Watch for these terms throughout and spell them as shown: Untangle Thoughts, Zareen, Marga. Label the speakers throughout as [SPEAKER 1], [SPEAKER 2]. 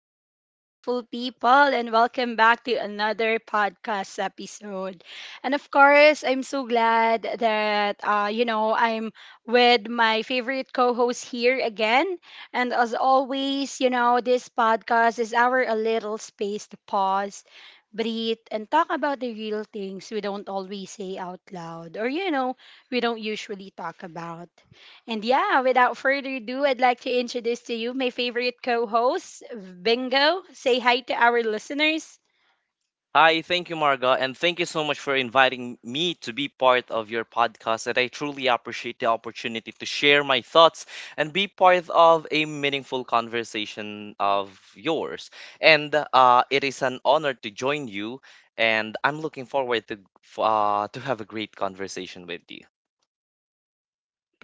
[SPEAKER 1] Hello, beautiful people, and welcome back to another podcast episode. And of course, I'm so glad that, I'm with my favorite co host here again. And as always, this podcast is our a little space to pause, breathe, and talk about the real things we don't always say out loud or we don't usually talk about. And yeah, without further ado, I'd like to introduce to you my favorite co host, Bingo. Say hi to our listeners.
[SPEAKER 2] Hi, thank you, Marga, and thank you so much for inviting me to be part of your podcast. And I truly appreciate the opportunity to share my thoughts and be part of a meaningful conversation of yours. And it is an honor to join you, and I'm looking forward to have a great conversation with you.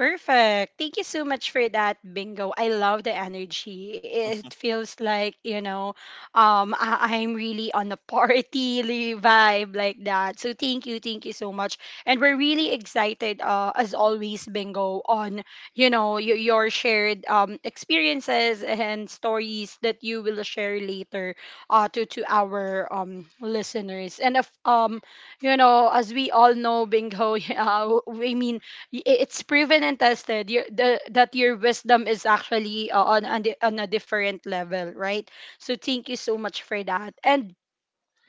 [SPEAKER 1] Perfect. Thank you so much for that bingo. I love the energy. It feels like, I'm really on a party vibe like that. So thank you so much. And we're really excited as always bingo on, your shared experiences and stories that you will share later to our listeners. And if you know, as we all know bingo, yeah, I mean it's proven and tested that your wisdom is actually, on a different level, right? So thank you so much for that. And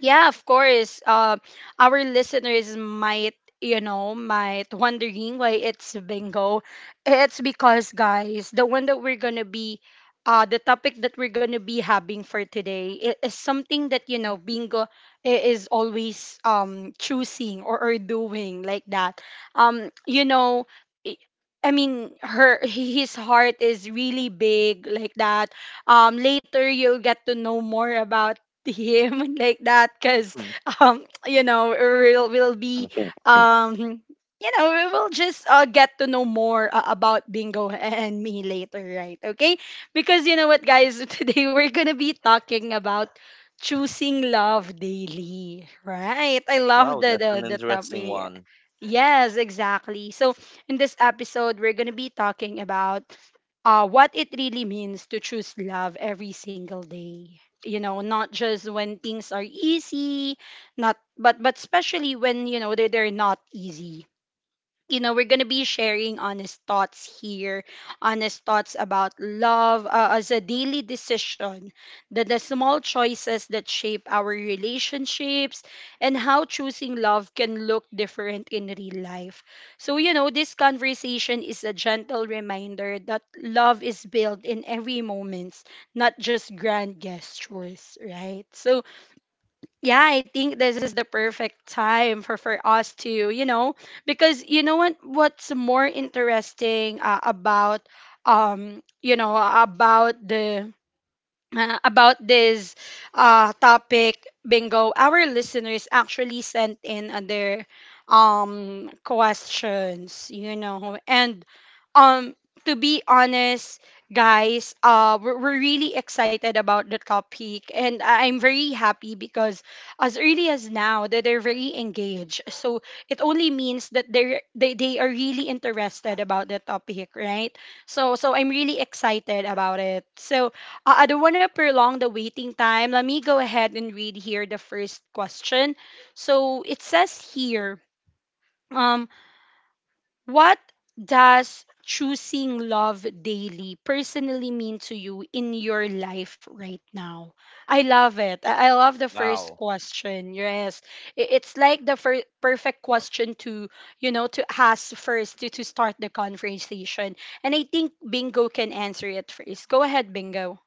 [SPEAKER 1] yeah, of course. Our listeners might, you know, might wondering why it's bingo. It's because, guys, the topic that we're gonna be having for today is something that you know bingo is always choosing or doing like that. Um, you know. i- I mean, her his heart is really big like that. Later you'll get to know more about him like that because we'll be um you know we will just get to know more about bingo and me later, right? Okay, because you know what guys, today we're gonna be talking about choosing love daily, right? I love
[SPEAKER 2] Wow, that's an
[SPEAKER 1] the
[SPEAKER 2] interesting
[SPEAKER 1] topic.
[SPEAKER 2] one.
[SPEAKER 1] Yes, exactly. So, in this episode, we're going to be talking about what it really means to choose love every single day. You know, not just when things are easy, not but but especially when you know they're not easy. You know, we're going to be sharing honest thoughts here, honest thoughts about love, as a daily decision, the small choices that shape our relationships, and how choosing love can look different in real life. So, you know, this conversation is a gentle reminder that love is built in every moment, not just grand gestures, right? So, yeah, I think this is the perfect time for us to, you know, because what's more interesting about you know, about the about this topic, Bingo, our listeners actually sent in their questions, you know. And um, to be honest, guys, we're really excited about the topic. And I'm very happy because as early as now, that they're very engaged. So it only means that they are really interested about the topic, right? So, so I'm really excited about it. So I don't want to prolong the waiting time. Let me go ahead and read here the first question. So it says here, um, what does choosing love daily personally mean to you in your life right now? I love it. I love the first
[SPEAKER 2] Wow.
[SPEAKER 1] question. Yes, it's like the perfect question to you know to ask first to start the conversation. And I think Bingo can answer it first. Go ahead, Bingo.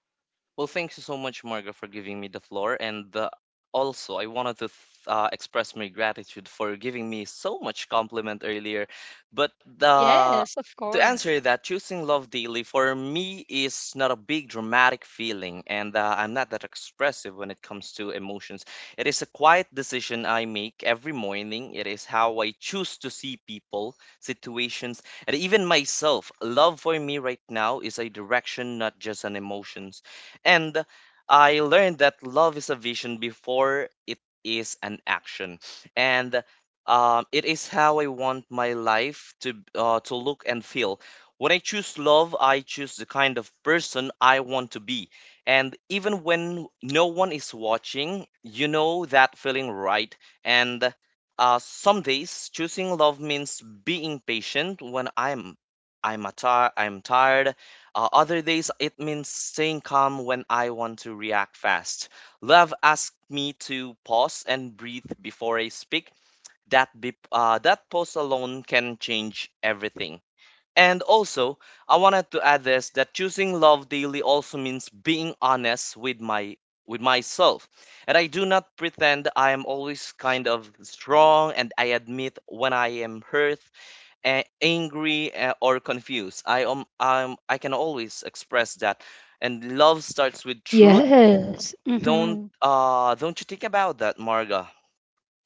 [SPEAKER 2] Well, thank you so much, Marga, for giving me the floor. And Also, I wanted to express my gratitude for giving me so much compliment earlier. But the
[SPEAKER 1] Yes, of
[SPEAKER 2] To
[SPEAKER 1] course.
[SPEAKER 2] answer that, choosing love daily for me is not a big dramatic feeling, and I'm not that expressive when it comes to emotions. It is a quiet decision I make every morning. It is how I choose to see people, situations, and even myself. Love for me right now is a direction, not just an emotion. And I learned that love is a vision before it is an action. And it is how I want my life to look and feel. When I choose love, I choose the kind of person I want to be. And even when no one is watching, you know that feeling, right. And some days choosing love means being patient when I'm a ti I'm tired. Uh, other days, it means staying calm when I want to react fast. Love asked me to pause and breathe before I speak. That pause alone can change everything. And also, I wanted to add this, that choosing love daily also means being honest with my with myself. And I do not pretend I am always kind of strong, and I admit when I am hurt, angry, or confused. I can always express that, and love starts with truth.
[SPEAKER 1] Yes. Mm-hmm.
[SPEAKER 2] Don't you think about that, Marga?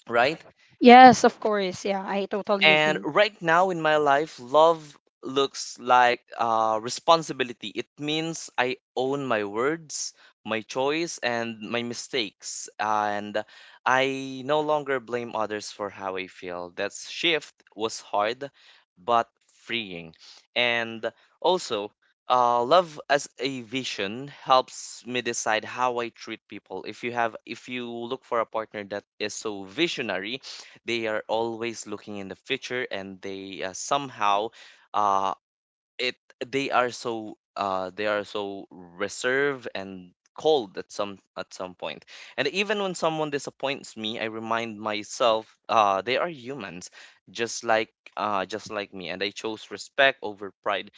[SPEAKER 2] Right?
[SPEAKER 1] Yes, of course. Yeah, I totally
[SPEAKER 2] And
[SPEAKER 1] agree.
[SPEAKER 2] right now in my life, love looks like responsibility. It means I own my words, my choice, and my mistakes. And I no longer blame others for how I feel. That shift was hard, but freeing. And also, love as a vision helps me decide how I treat people. If you look for a partner that is so visionary, they are always looking in the future, and they somehow, uh, it they are so reserved and cold at some point. And even when someone disappoints me, I remind myself they are humans, just like me, and I chose respect over pride.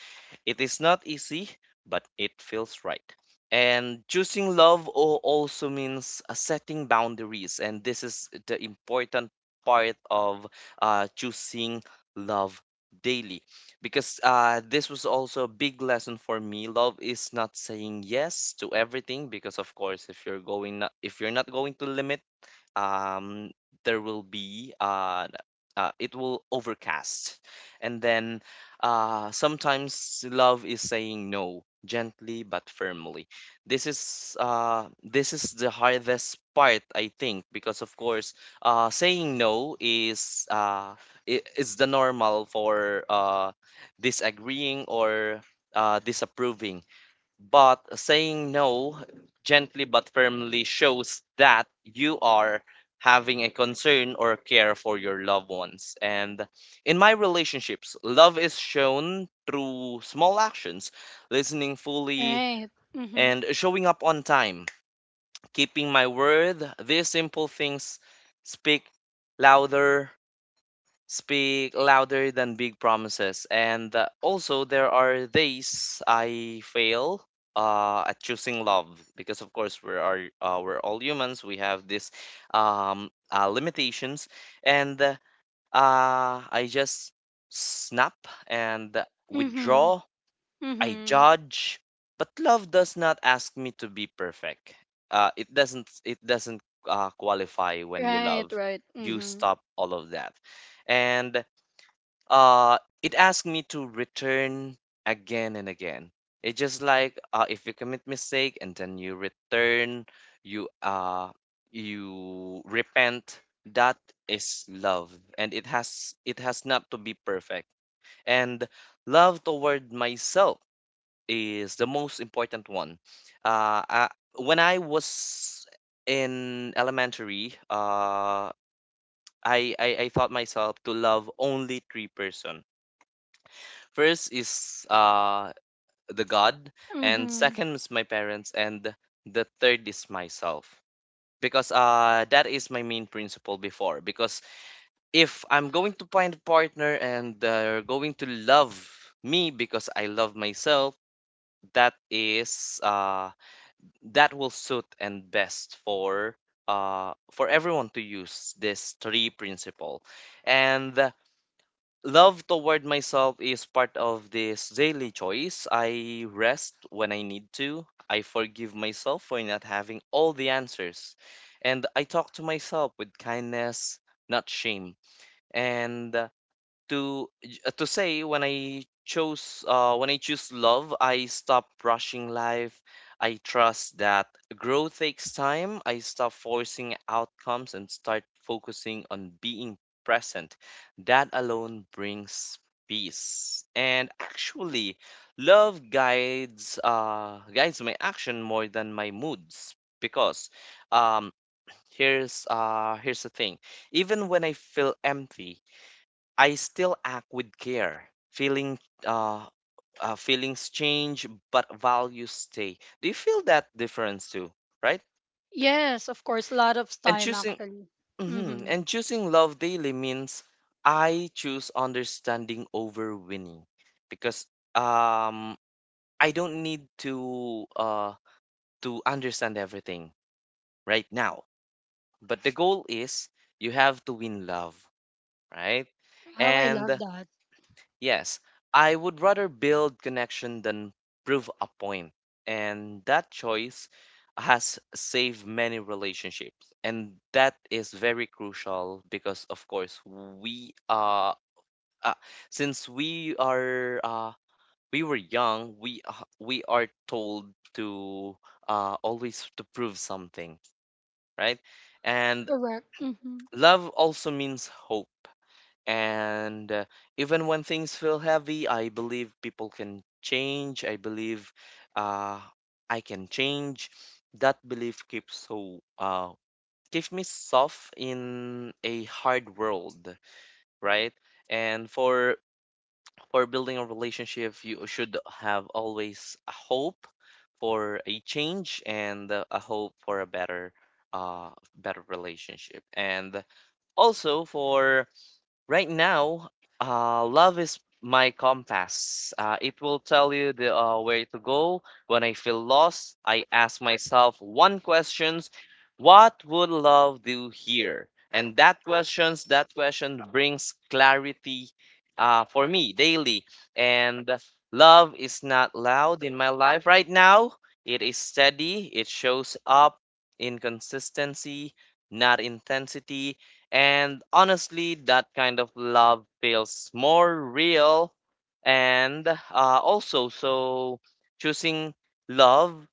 [SPEAKER 2] It is not easy, but it feels right. And choosing also means setting boundaries. And this is the important part of choosing love daily. Because this was also a big lesson for me. Love is not saying yes to everything, because of course if you're not going to limit, um, there will be it will overcast, and then sometimes love is saying no gently but firmly. This is the hardest part, I think, because of course saying no is is the normal for disagreeing or disapproving. But saying no gently but firmly shows that you are having a concern or care for your loved ones. And in my relationships, love is shown through small actions: listening fully
[SPEAKER 1] Right. Mm-hmm.
[SPEAKER 2] and showing up on time, keeping my word. These simple things speak louder speak louder than big promises. And Also, there are days I fail at choosing love, because, of course, we're all humans. We have these limitations, and I just snap and
[SPEAKER 1] Mm-hmm.
[SPEAKER 2] withdraw. I
[SPEAKER 1] Mm-hmm.
[SPEAKER 2] judge, but love does not ask me to be perfect. It doesn't. It doesn't qualify when you
[SPEAKER 1] Right,
[SPEAKER 2] love.
[SPEAKER 1] right.
[SPEAKER 2] You
[SPEAKER 1] Mm-hmm.
[SPEAKER 2] stop all of that, and it asks me to return again and again. It's just like, if you commit mistake and then you return, you uh you repent. That is love, and it has not to be perfect. And love toward myself is the most important one. uh I, when I was in elementary, I thought myself to love only three person. First is the God, and
[SPEAKER 1] Mm-hmm.
[SPEAKER 2] second is my parents, and the third is myself. Because that is my main principle before. Because if I'm going to find a partner and they're going to love me because I love myself, that is uh that will suit and best for everyone to use this three principle. And love toward myself is part of this daily choice. I rest when I need to. I forgive myself for not having all the answers. And I talk to myself with kindness, not shame. And to j- to say when I chose when I choose love, I stop rushing life. I trust that growth takes time. I stop forcing outcomes and start focusing on being present. That alone brings peace. And actually, love guides my action more than my moods, because um, here's here's the thing. Even when I feel empty, I still act with care. Uh, Feelings change, but values stay. Do you feel that difference too, right?
[SPEAKER 1] Yes, of course. A lot of
[SPEAKER 2] And
[SPEAKER 1] time,
[SPEAKER 2] choosing
[SPEAKER 1] actually.
[SPEAKER 2] hmm
[SPEAKER 1] Mm-hmm.
[SPEAKER 2] and choosing love daily means I choose understanding over winning, because um I don't need to understand everything right now. But the goal is, you have to win love, right?
[SPEAKER 1] How I
[SPEAKER 2] And
[SPEAKER 1] love that.
[SPEAKER 2] yes, I would rather build connection than prove a point. And that choice has saved many relationships. And that is very crucial because, of course, uh since we are uh we were young, we are told to always to prove something, right? And
[SPEAKER 1] Correct. Mm-hmm.
[SPEAKER 2] love also means hope. And even when things feel heavy, I believe people can change. I believe uh, I can change. That belief keeps me soft in a hard world, right? And for building a relationship, you should have always a hope for a change, and a hope for a better uh better relationship. And also for right now, love is my compass. It will tell you the way to go. When I feel lost, I ask myself one question: what would love do here? And that question brings clarity for me daily. And love is not loud in my life right now. It is steady. It shows up in consistency, not intensity, and honestly, that kind of love feels more real. And also, so Choosing love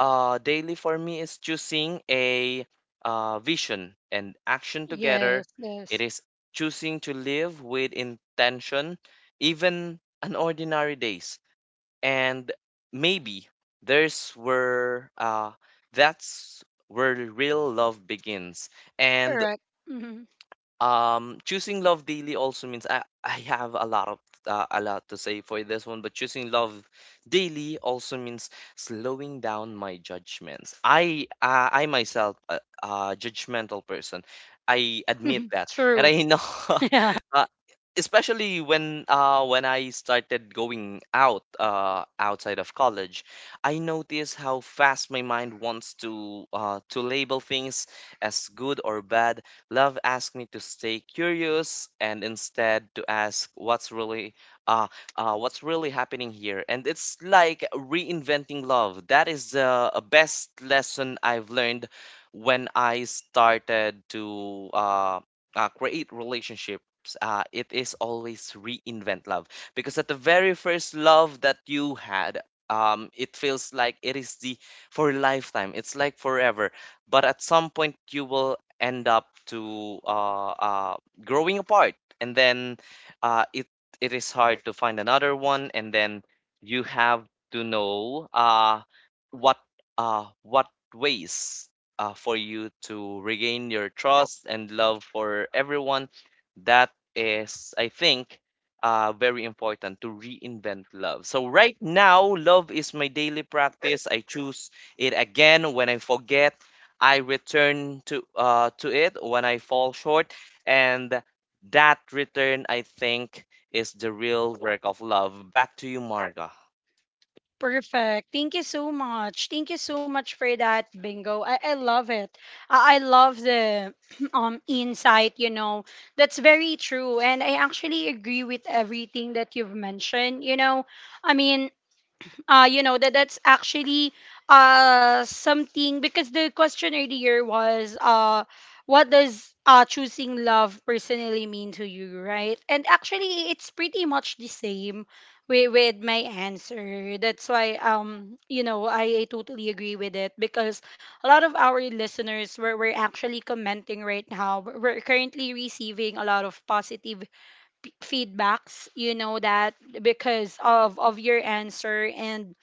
[SPEAKER 2] daily for me is choosing a vision and action together.
[SPEAKER 1] Yes,
[SPEAKER 2] It
[SPEAKER 1] yes.
[SPEAKER 2] is choosing to live with intention, even on ordinary days. And maybe there's where that's where real love begins. And
[SPEAKER 1] Correct. Mm-hmm.
[SPEAKER 2] choosing love daily also means I have a lot of a lot to say for this one, but choosing love daily also means slowing down my judgments. I myself a judgmental person. I admit that, and
[SPEAKER 1] True.
[SPEAKER 2] I know.
[SPEAKER 1] Yeah.
[SPEAKER 2] uh, Especially when I started going out outside of college, I noticed how fast my mind wants to label things as good or bad. Love asked me to stay curious and instead to ask uh, what's really happening here. And it's like reinventing love. That is the best lesson I've learned when I started to create relationships. It is always reinvent love, because at the very first love that you had, it feels like it is the for a lifetime, it's like forever, but at some point you will end up to growing apart, and then uh, it it is hard to find another one, and then you have to know what what ways for you to regain your trust and love for everyone. That is, I think, very important to reinvent love. So right now, love is my daily practice. I choose it again when I forget. I return to it when I fall short, and that return, I think, is the real work of love. Back to you, Marga.
[SPEAKER 1] Perfect. Thank you so much. Thank you so much for that, Bingo. I love it. I love the insight, you know. That's very true. And I actually agree with everything that you've mentioned, you know. I mean, you know that's actually something, because the question earlier was, what does choosing love personally mean to you, right? And actually it's pretty much the same with my answer. That's why, you know, I totally agree with it, because a lot of our listeners were, actually commenting right now. We're currently receiving a lot of positive feedbacks, you know, that because of your answer. And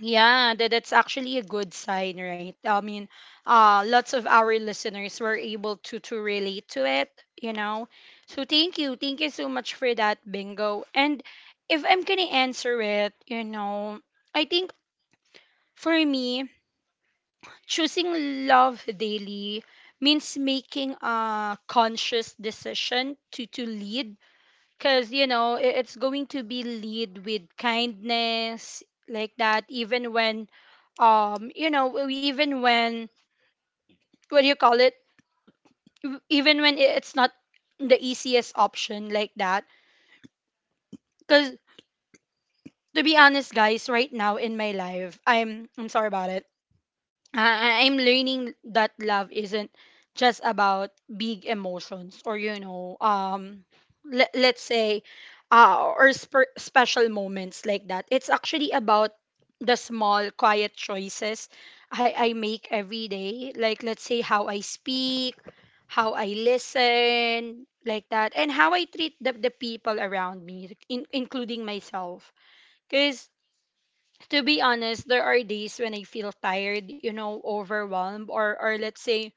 [SPEAKER 1] yeah, that, that's actually a good sign, right? I mean, lots of our listeners were able to relate to it, you know. So thank you so much for that, Bingo. And if I'm gonna answer it, you know, I think for me, choosing love daily means making a conscious decision to lead, because you know it's going to be lead with kindness like that, even when you know even when, what do you call it, even when it's not the easiest option like that, because to be honest guys, right now in my life, I'm sorry about it, I'm learning that love isn't just about big emotions or you know let's say, or special moments like that. It's actually about the small quiet choices I make every day. Like let's say how I speak, how I listen, like that, and how I treat the people around me, like, including myself. Because to be honest, there are days when I feel tired, you know, overwhelmed or let's say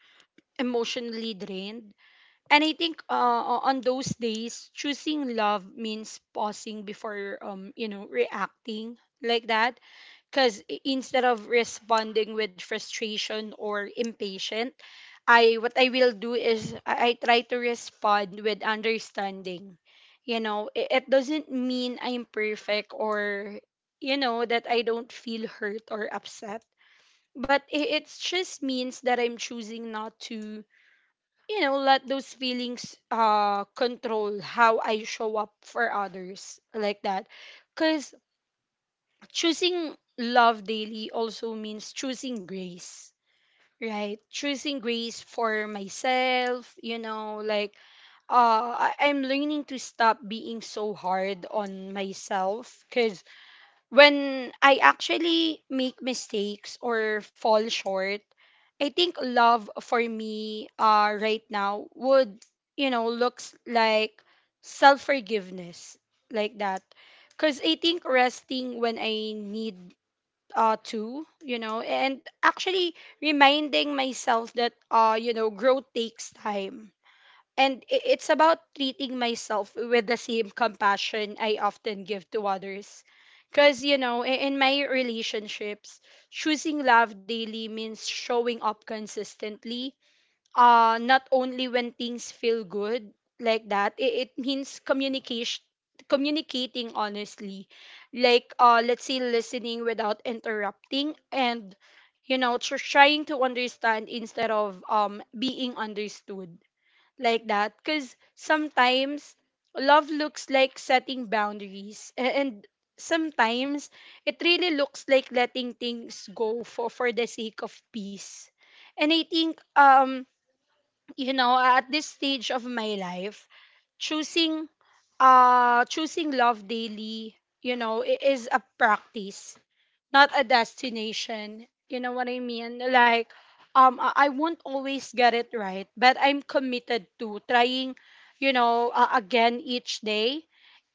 [SPEAKER 1] emotionally drained. And I think on those days, choosing love means pausing before, reacting like that, because instead of responding with frustration or impatient, I what I will do is I try to respond with understanding. You know, it doesn't mean I'm perfect or you know that I don't feel hurt or upset, but it just means that I'm choosing not to you know let those feelings control how I show up for others like that. Cause choosing love daily also means choosing grace, right? Choosing grace for myself, you know, like I'm learning to stop being so hard on myself, because when I actually make mistakes or fall short, I think love for me right now would you know looks like self forgiveness like that, because I think resting when I need too, you know, and actually reminding myself that you know growth takes time, and it's about treating myself with the same compassion I often give to others, because you know in my relationships choosing love daily means showing up consistently, not only when things feel good like that. It means communication, communicating honestly, like let's say listening without interrupting, and you know trying to understand instead of being understood like that, because sometimes love looks like setting boundaries, and sometimes it really looks like letting things go for the sake of peace. And I think you know at this stage of my life, choosing choosing love daily, you know is a practice, not a destination, you know what I mean. Like I won't always get it right, but I'm committed to trying, you know, again each day.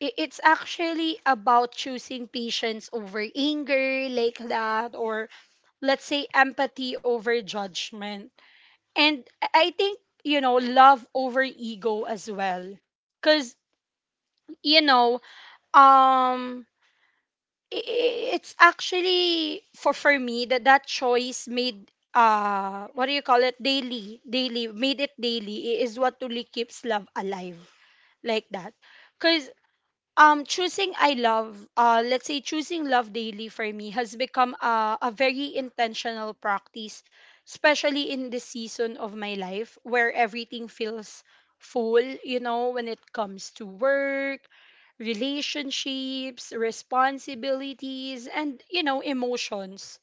[SPEAKER 1] It's actually about choosing patience over anger like that, or let's say empathy over judgment, and I think, you know, love over ego as well. Cause, you know, um it's actually for me that that choice made, what do you call it, daily daily made it daily, is what truly keeps love alive like that, because choosing I love let's say choosing love daily for me has become a very intentional practice, especially in this season of my life where everything feels full, you know, when it comes to work, relationships, responsibilities, and you know emotions.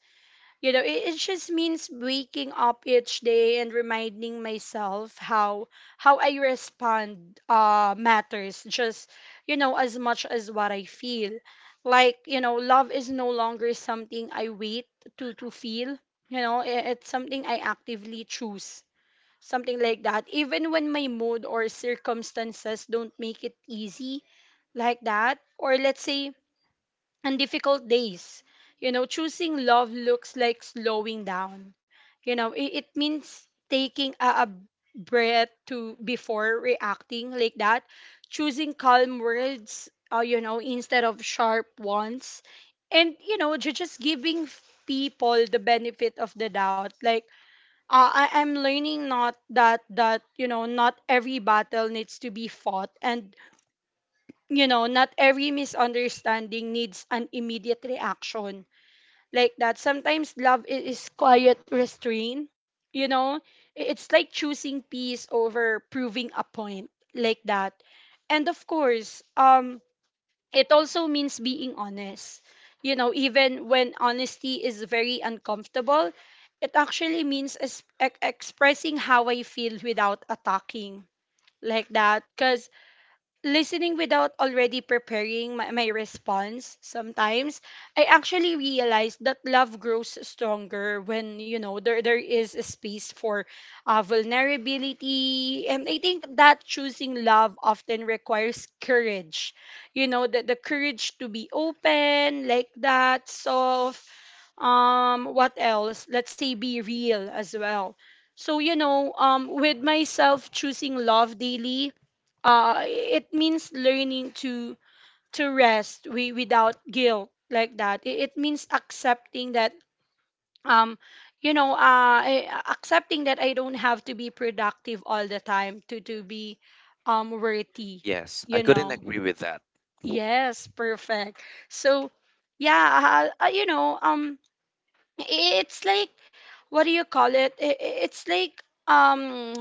[SPEAKER 1] You know, it just means waking up each day and reminding myself how I respond matters just you know as much as what I feel. Like, you know, love is no longer something I wait to feel. You know, it's something I actively choose. Something like that. Even when my mood or circumstances don't make it easy like that. Or let's say and difficult days. You know, choosing love looks like slowing down. You know, it means taking a breath to before reacting like that, choosing calm words, you know, instead of sharp ones. And, you know, just giving people the benefit of the doubt. Like, I'm learning not that, you know, not every battle needs to be fought. And you know, not every misunderstanding needs an immediate reaction like that. Sometimes love is quiet restraint, you know, it's like choosing peace over proving a point like that. And of course, it also means being honest. You know, even when honesty is very uncomfortable, it actually means expressing how I feel without attacking like that. Because listening without already preparing my response sometimes I actually realize that love grows stronger when, you know, there is a space for vulnerability. And I think that choosing love often requires courage, you know, the courage to be open like that. Soft, what else, let's say be real as well. So, you know, with myself, choosing love daily, it means learning to rest without guilt like that. It means accepting that, um you know, accepting that I don't have to be productive all the time to be, worthy,
[SPEAKER 2] Yes, I
[SPEAKER 1] you
[SPEAKER 2] couldn't
[SPEAKER 1] know.
[SPEAKER 2] agree with that.
[SPEAKER 1] Yes, perfect. So, yeah. You know, it's like, what do you call it, it's like, um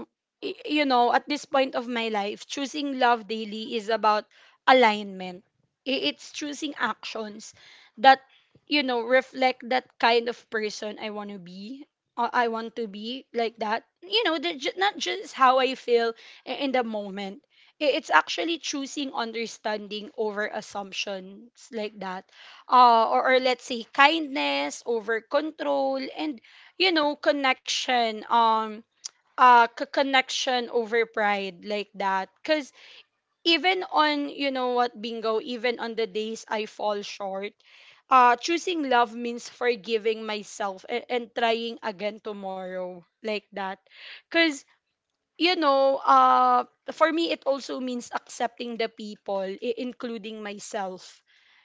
[SPEAKER 1] you know, at this point of my life, choosing love daily is about alignment. It's choosing actions that, you know, reflect that kind of person I want to be, or I want to be like that. You know, not just how I feel in the moment. It's actually choosing understanding over assumptions like that. Or let's say kindness over control, and, you know, connection. Connection over pride like that. Because even on, you know what, Bingo, even on the days I fall short, choosing love means forgiving myself and trying again tomorrow like that. Because, you know, for me, it also means accepting the people, including myself.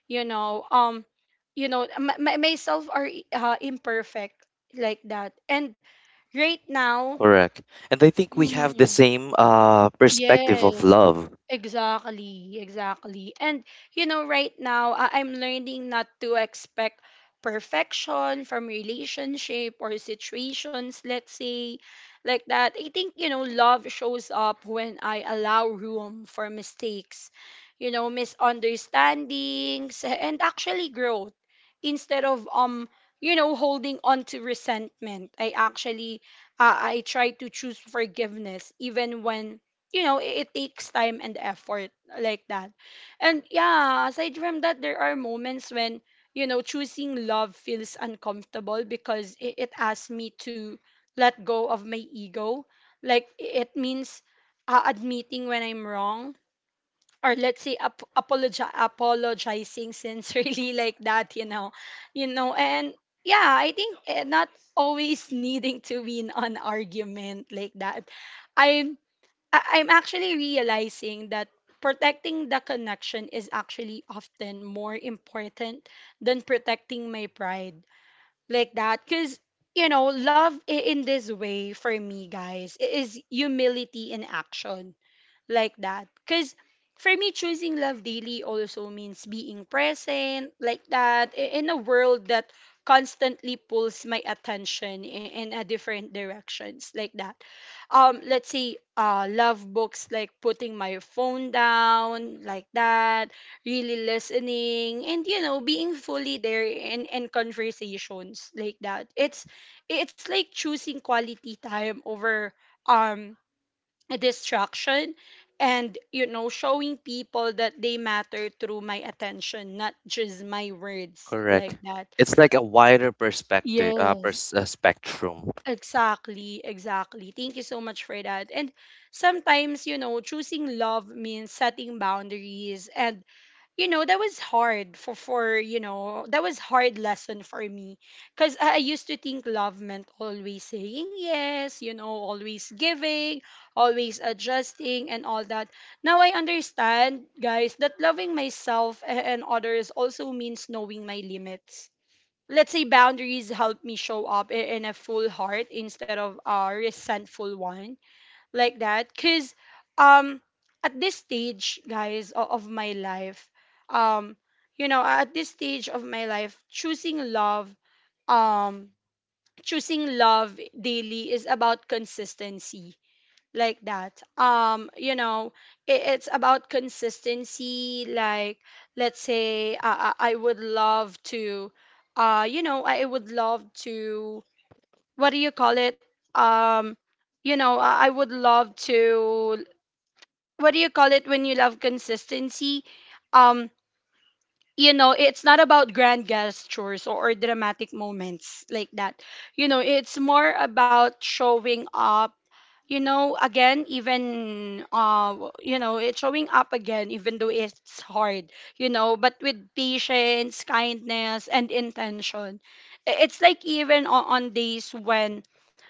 [SPEAKER 1] You know, um, you know, myself are, imperfect like that. And right now.
[SPEAKER 2] Correct. And I think we have the
[SPEAKER 1] Mhm.
[SPEAKER 2] same perspective of
[SPEAKER 1] Yes,
[SPEAKER 2] love.
[SPEAKER 1] exactly, exactly. And, you know, right now, I'm learning not to expect perfection from relationship or situations. Let's say like that. I think, you know, love shows up when I allow room for mistakes, you know, misunderstandings, and actually growth instead of, you know, holding on to resentment. I actually, I try to choose forgiveness even when, you know, it takes time and effort like that. And yeah, aside from that, there are moments when, you know, choosing love feels uncomfortable because it asks me to let go of my ego. Like, it means, admitting when I'm wrong, or let's say apologizing sincerely like that, you know. You know, and yeah, I think not always needing to win an argument like that. I'm I'm actually realizing that protecting the connection is actually often more important than protecting my pride like that. Because, you know, love in this way, for me, guys, is humility in action like that. Because for me, choosing love daily also means being present like that, in a world that constantly pulls my attention in a different directions like that. Let's say, love books like putting my phone down like that, really listening, and, you know, being fully there in conversations like that. It's like choosing quality time over, um a distraction, and, you know, showing people that they matter through my attention, not just my words like
[SPEAKER 2] Correct.
[SPEAKER 1] that.
[SPEAKER 2] It's like a wider perspective,
[SPEAKER 1] Yes,
[SPEAKER 2] spectrum.
[SPEAKER 1] exactly, exactly. Thank you so much for that. And sometimes, you know, choosing love means setting boundaries. And, you know, that was hard for that was hard lesson for me. Because I used to think love meant always saying yes, you know, always giving, always adjusting, and all that. Now I understand, guys, that loving myself and others also means knowing my limits. Let's say boundaries help me show up in a full heart instead of a resentful one like that. Because, um at this stage, guys, of my life, um you know, at this stage of my life, choosing love, um choosing love daily is about consistency like that. You know, it's about consistency. Like, let's say, I would love to, you know, I would love to, what do you call it? Um, you know, I would love to. What do you call it when you love consistency? Um, you know, it's not about grand gestures or dramatic moments like that. You know, it's more about showing up, you know, again, even, you know, it's showing up again, even though it's hard, you know, but with patience, kindness, and intention. It's like, even on days when,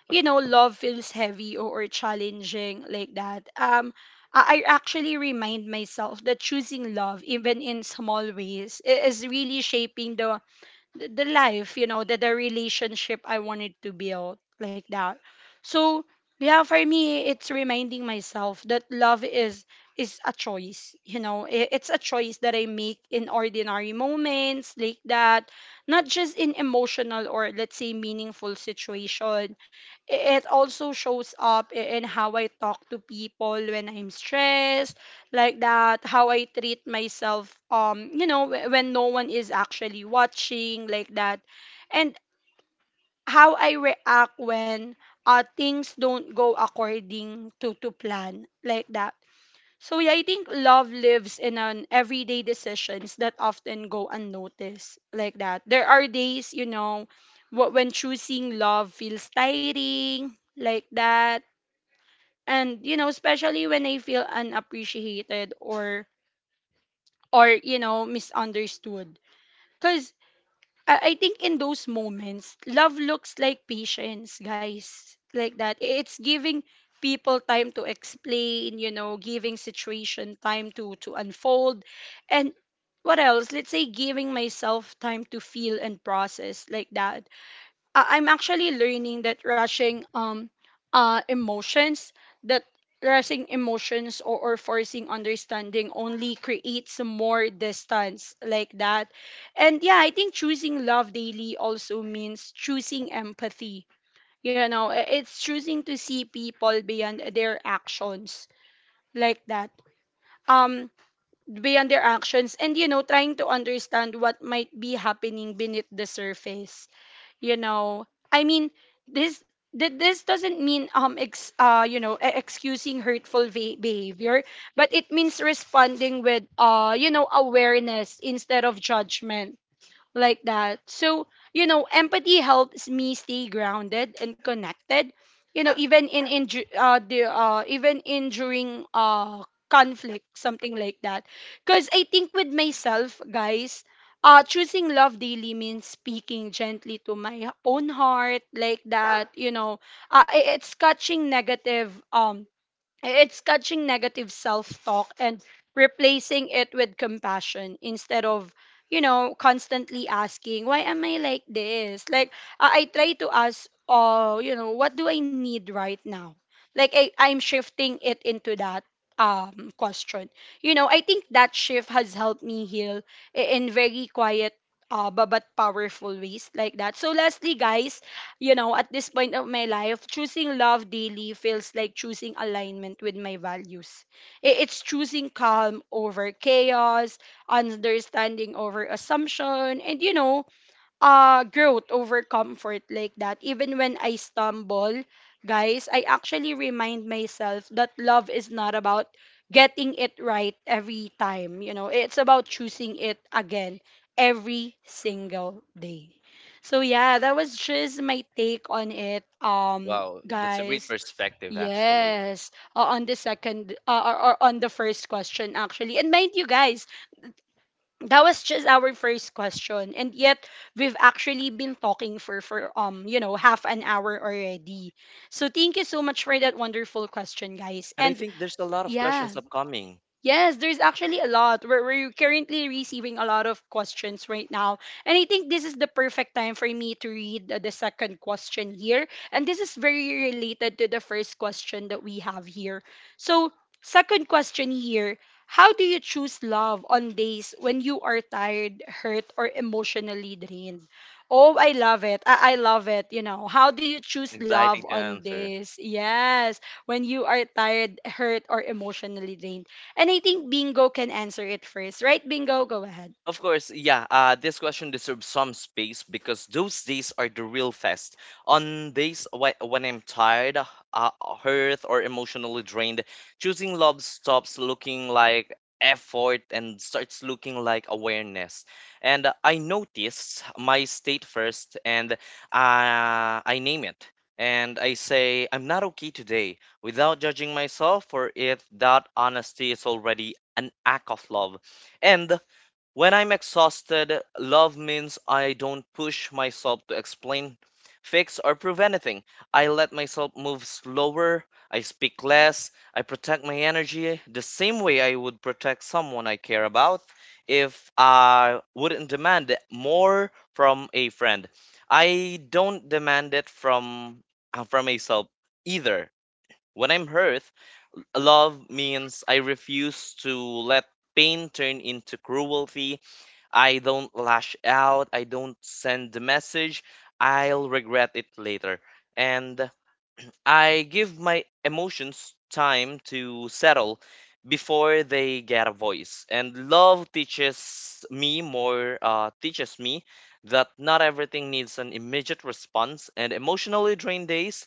[SPEAKER 1] you know, love feels heavy or challenging like that. I actually remind myself that choosing love, even in small ways, is really shaping the life, you know, the relationship I wanted to build like that. So yeah, for me, it's reminding myself that love is a choice. You know, it's a choice that I make in ordinary moments like that, not just in emotional, or let's say meaningful situation. It also shows up in how I talk to people when I'm stressed like that, how I treat myself, you know, when no one is actually watching like that. And how I react when, things don't go according to plan like that. So yeah, I think love lives in an everyday decisions that often go unnoticed like that. There are days, you know, when choosing love feels tiring like that. And, you know, especially when I feel unappreciated, or you know, misunderstood. Because I think in those moments love looks like patience, guys, like that. It's giving people time to explain, you know, giving situation time to unfold, and what else, let's say, giving myself time to feel and process like that. I'm actually learning that rushing, emotions, that, rushing emotions or forcing understanding only creates more distance like that. And yeah, I think choosing love daily also means choosing empathy. You know, it's choosing to see people beyond their actions like that. Um Beyond their actions, and, you know, trying to understand what might be happening beneath the surface, you know, I mean, this this doesn't mean, you know, excusing hurtful behavior, but it means responding with, you know, awareness instead of judgment like that. So, you know, empathy helps me stay grounded and connected. You know, even in the even in during, conflict, something like that. Because I think with myself, guys, choosing love daily means speaking gently to my own heart, like that. You know, it's catching negative, it's catching negative self talk and replacing it with compassion instead of, you know, constantly asking, why am I like this? Like, I try to ask, oh, you know, what do I need right now? Like, I'm shifting it into that, question. You know, I think that shift has helped me heal in very quiet, but powerful ways like that. So lastly, guys, you know, at this point of my life, choosing love daily feels like choosing alignment with my values. It's choosing calm over chaos, understanding over assumption, and, you know, growth over comfort like that. Even when I stumble, guys, I actually remind myself that love is not about getting it right every time. You know, it's about choosing it again every single day. So yeah, that was just my take on it.
[SPEAKER 2] Wow, that's a great
[SPEAKER 1] Guys.
[SPEAKER 2] perspective actually,
[SPEAKER 1] Yes, on the second, or on the first question actually. And mind you, guys, that was just our first question, and yet we've actually been talking for you know, half an hour already. So thank you so much for that wonderful question, guys.
[SPEAKER 2] and I
[SPEAKER 1] And
[SPEAKER 2] think there's a lot of
[SPEAKER 1] yeah.
[SPEAKER 2] questions upcoming,
[SPEAKER 1] Yes, there's actually a lot. We're currently receiving a lot of questions right now. And I think this is the perfect time for me to read the second question here. And this is very related to the first question that we have here. So, second question here, how do you choose love on days when you are tired, hurt, or emotionally drained? Oh, I love it. I love it. You know, how do you choose love
[SPEAKER 2] exciting to
[SPEAKER 1] on
[SPEAKER 2] answer.
[SPEAKER 1] this? Yes, when you are tired, hurt, or emotionally drained. And I think Bingo can answer it first, right? Bingo, go ahead.
[SPEAKER 2] Of course, yeah. This question deserves some space because those days are the real test. On days when I'm tired, uh, hurt, or emotionally drained, choosing love stops looking like effort and starts looking like awareness. And I notice my state first, and I name it. And I say, I'm not okay today, without judging myself for it. That honesty is already an act of love. And when I'm exhausted, love means I don't push myself to explain, fix, or prove anything. I let myself move slower, I speak less, I protect my energy the same way I would protect someone I care about if I wouldn't demand it more from a friend. I don't demand it from from myself either. When I'm hurt, love means I refuse to let pain turn into cruelty. I don't lash out, I don't send the message, I'll regret it later. And I give my emotions time to settle before they get a voice. And love teaches me teaches me that not everything needs an immediate response, and emotionally drained days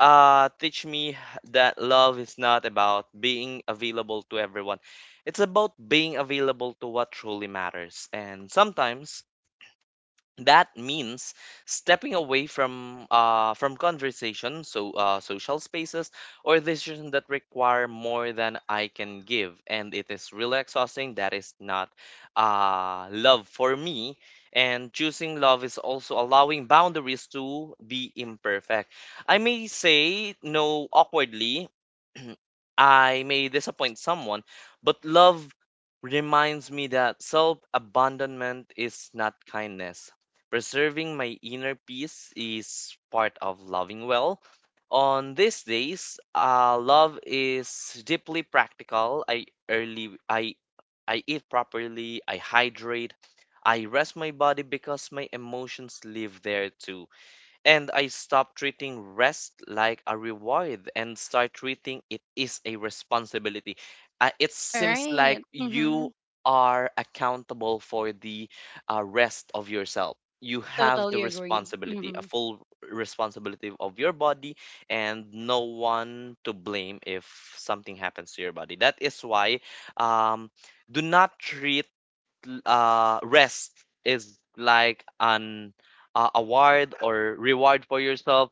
[SPEAKER 2] teach me that love is not about being available to everyone. It's about being available to what truly matters. And sometimes that means stepping away from from conversation, so social spaces or decisions that require more than I can give, and it is really exhausting. That is not love for me. And choosing love is also allowing boundaries to be imperfect. I may say no awkwardly. I may disappoint someone, but love reminds me that self abandonment is not kindness. Preserving my inner peace is part of loving well. On these days, love is deeply practical. I I eat properly, I hydrate, I rest my body because my emotions live there too. And I stopped treating rest like a reward and start treating it is a responsibility. It
[SPEAKER 1] All
[SPEAKER 2] seems like
[SPEAKER 1] right. Mm-hmm.
[SPEAKER 2] you are accountable for the rest of yourself. You have the
[SPEAKER 1] Totally agree.
[SPEAKER 2] responsibility, a
[SPEAKER 1] Mm-hmm.
[SPEAKER 2] full responsibility of your body, and no one to blame if something happens to your body. That is why um, do not treat rest is like an award or reward for yourself.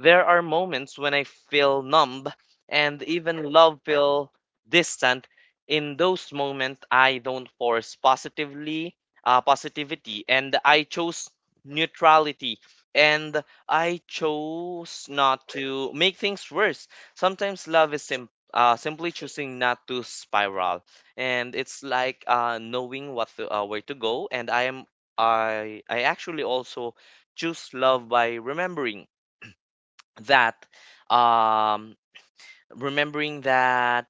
[SPEAKER 2] There are moments when I feel numb and even love feel distant. In those moments, I don't force positively positivity, and I chose neutrality. And I chose not to make things worse. Sometimes love is simply choosing not to spiral, and it's like knowing what to, where to go. And I am I actually also choose love by remembering that um remembering that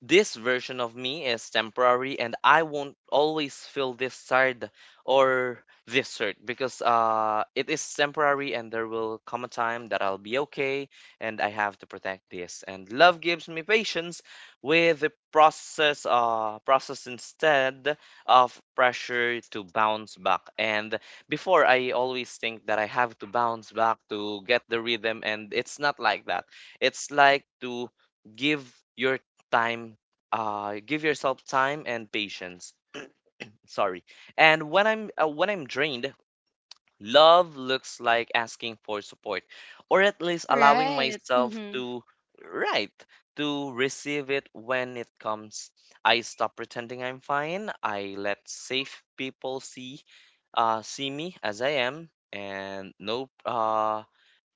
[SPEAKER 2] this version of me is temporary and I won't always feel this sad or this hurt, because it is temporary and there will come a time that I'll be okay, and I have to protect this. And love gives me patience with the process instead of pressure to bounce back. And before, I always think that I have to bounce back to get the rhythm, and it's not like that. It's like to give your time, give yourself time and patience. Sorry. And when I'm drained, love looks like asking for support, or at least allowing
[SPEAKER 1] Right.
[SPEAKER 2] myself
[SPEAKER 1] Mm-hmm.
[SPEAKER 2] to, right, to receive it when it comes. I stop pretending I'm fine, I let safe people see me as I am, and no uh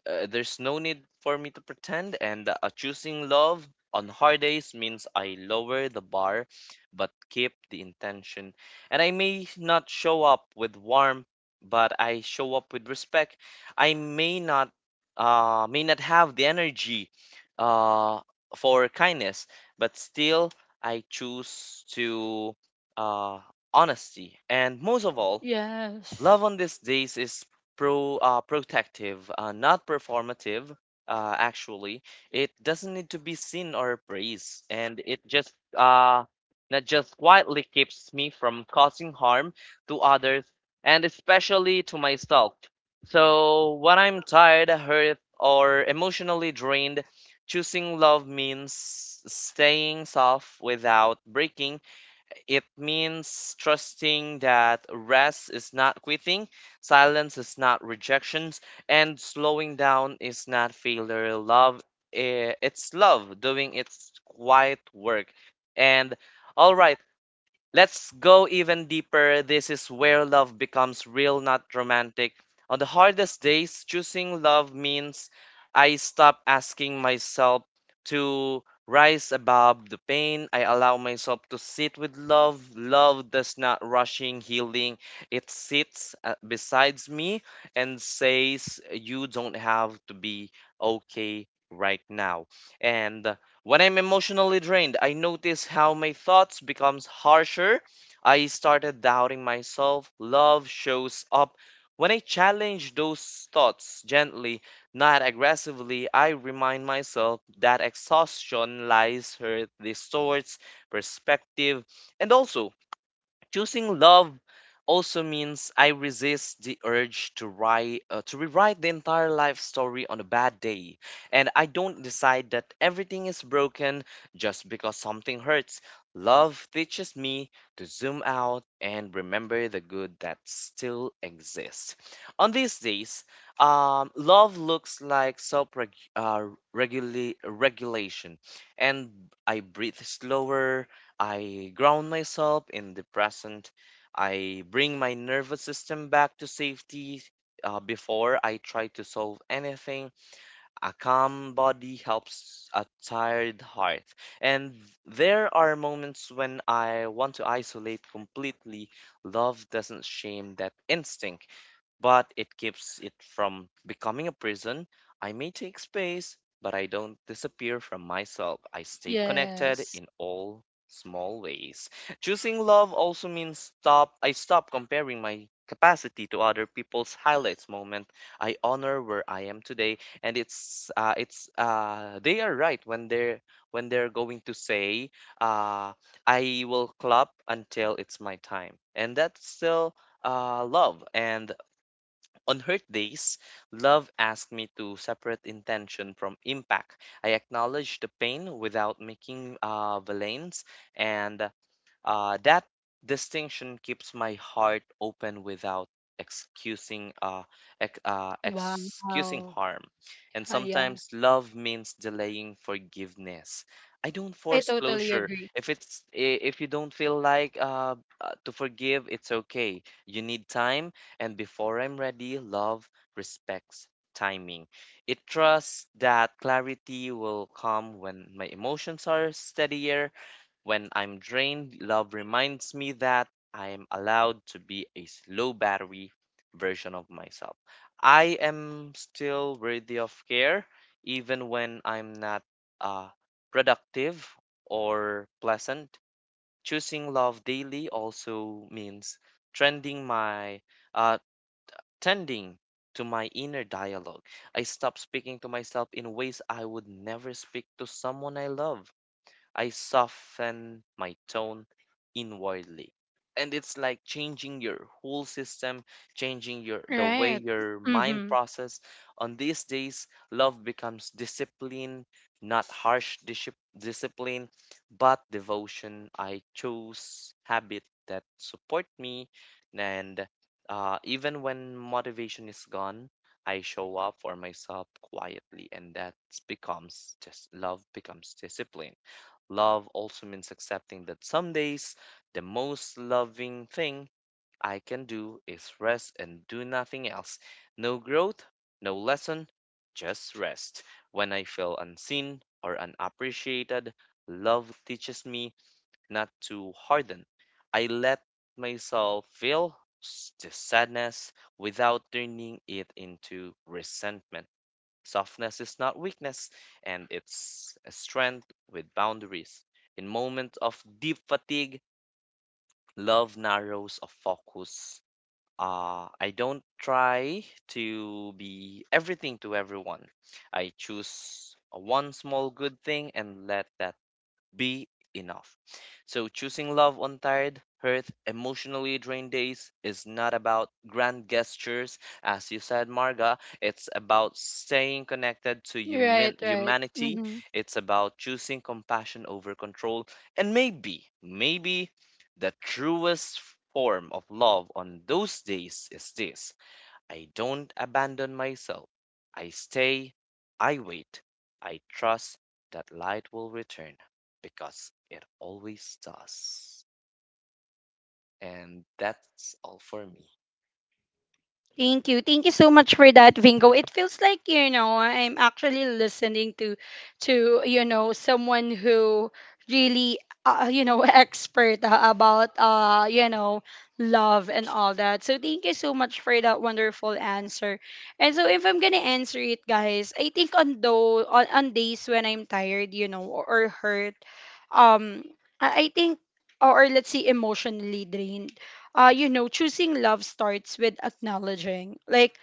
[SPEAKER 2] uh, there's no need for me to pretend. And choosing love on hard days means I lower the bar but keep the intention. And I may not show up with warmth, but I show up with respect. I may not have the energy uh, for kindness, but still I choose to uh, honesty. And most of all,
[SPEAKER 1] Yes.
[SPEAKER 2] love on these days is protective, not performative. Actually, it doesn't need to be seen or praised, and it just not just quietly keeps me from causing harm to others and especially to myself. So when I'm tired, hurt, or emotionally drained, choosing love means staying soft without breaking. It means trusting that rest is not quitting, silence is not rejections, and slowing down is not failure. Love, it's love doing its quiet work. And all right, let's go even deeper. This is where love becomes real, not romantic. On the hardest days, choosing love means I stop asking myself to rise above the pain. I allow myself to sit with love. Love does not rushing healing. It sits besides me and says, you don't have to be okay right now. And when I'm emotionally drained, I notice how my thoughts becomes harsher. I started doubting myself. Love shows up when I challenge those thoughts gently, not aggressively. I remind myself that exhaustion lies, hurt distorts perspective, and also choosing love also means I resist the urge to write to rewrite the entire life story on a bad day, and I don't decide that everything is broken just because something hurts. Love teaches me to zoom out and remember the good that still exists. On these days, love looks like uh, regulation, and I breathe slower, I ground myself in the present. I bring my nervous system back to safety before I try to solve anything. A calm body helps a tired heart. And there are moments when I want to isolate completely. Love doesn't shame that instinct, but it keeps it from becoming a prison. I may take space, but I don't disappear from myself. I stay connected
[SPEAKER 1] Yes.
[SPEAKER 2] in all small ways. Choosing love also means stop I stop comparing my capacity to other people's highlights moment. I honor where I am today, and it's they are right when they're going to say, uh, I will clap until it's my time, and that's still love. And on hurt days, love asked me to separate intention from impact. I acknowledged the pain without making villains, and that distinction keeps my heart open without excusing uh,
[SPEAKER 1] Wow.
[SPEAKER 2] excusing harm. And
[SPEAKER 1] Ah, yeah.
[SPEAKER 2] sometimes love means delaying forgiveness. I don't
[SPEAKER 1] I
[SPEAKER 2] force
[SPEAKER 1] totally
[SPEAKER 2] closure.
[SPEAKER 1] agree.
[SPEAKER 2] If if you don't feel like to forgive, it's okay. You need time, and before I'm ready, love respects timing. It trusts that clarity will come when my emotions are steadier. When I'm drained, love reminds me that I am allowed to be a slow battery version of myself. I am still worthy of care, even when I'm not uh, productive or pleasant. Choosing love daily also means trending my uh, tending to my inner dialogue. I stop speaking to myself in ways I would never speak to someone I love. I soften my tone inwardly. And it's like changing your whole system, changing your the way
[SPEAKER 1] Right.
[SPEAKER 2] your mind
[SPEAKER 1] Mm-hmm.
[SPEAKER 2] process. On these days, love becomes discipline, not harsh discipline, but devotion. I choose habit that support me, and even when motivation is gone, I show up for myself quietly, and that becomes just love becomes discipline. Love also means accepting that some days the most loving thing I can do is rest and do nothing else. No growth, no lesson, just rest. When I feel unseen or unappreciated, love teaches me not to harden. I let myself feel the sadness without turning it into resentment. Softness is not weakness, and it's a strength with boundaries. In moments of deep fatigue, love narrows of focus. I don't try to be everything to everyone. I choose one small good thing and let that be enough. So, choosing love on tired, hurt, emotionally drained days is not about grand gestures, as you said, Marga. It's about staying connected to
[SPEAKER 1] Right, right.
[SPEAKER 2] humanity.
[SPEAKER 1] Mm-hmm.
[SPEAKER 2] It's about choosing compassion over control. And maybe, maybe the truest form of love on those days is this: I don't abandon myself. I stay, I wait, I trust that light will return because it always does. And that's all for me.
[SPEAKER 1] Thank you. Thank you so much for that, Vingo. It feels like, you know, I'm actually listening to you know, someone who really, you know, expert, about, you know, love and all that. So thank you so much for that wonderful answer. And so if I'm going to answer it, guys, I think on days when I'm tired, you know, or hurt, um I think or let's say emotionally drained. Choosing love starts with acknowledging, like,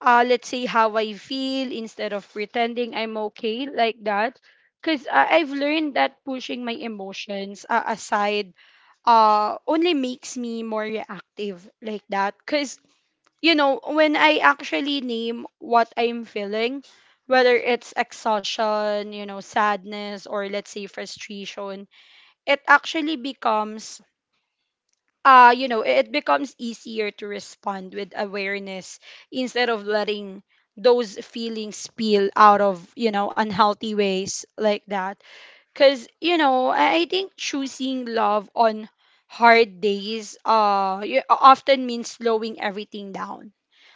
[SPEAKER 1] let's say how I feel instead of pretending I'm okay, like that. Because I've learned that pushing my emotions aside only makes me more reactive, like that. Because, you know, when I actually name what I'm feeling, whether it's exhaustion, sadness, or let's say frustration, it actually becomes you know it becomes easier to respond with awareness instead of letting those feelings spill out of unhealthy ways, like that. Because I think choosing love on hard days often means slowing everything down.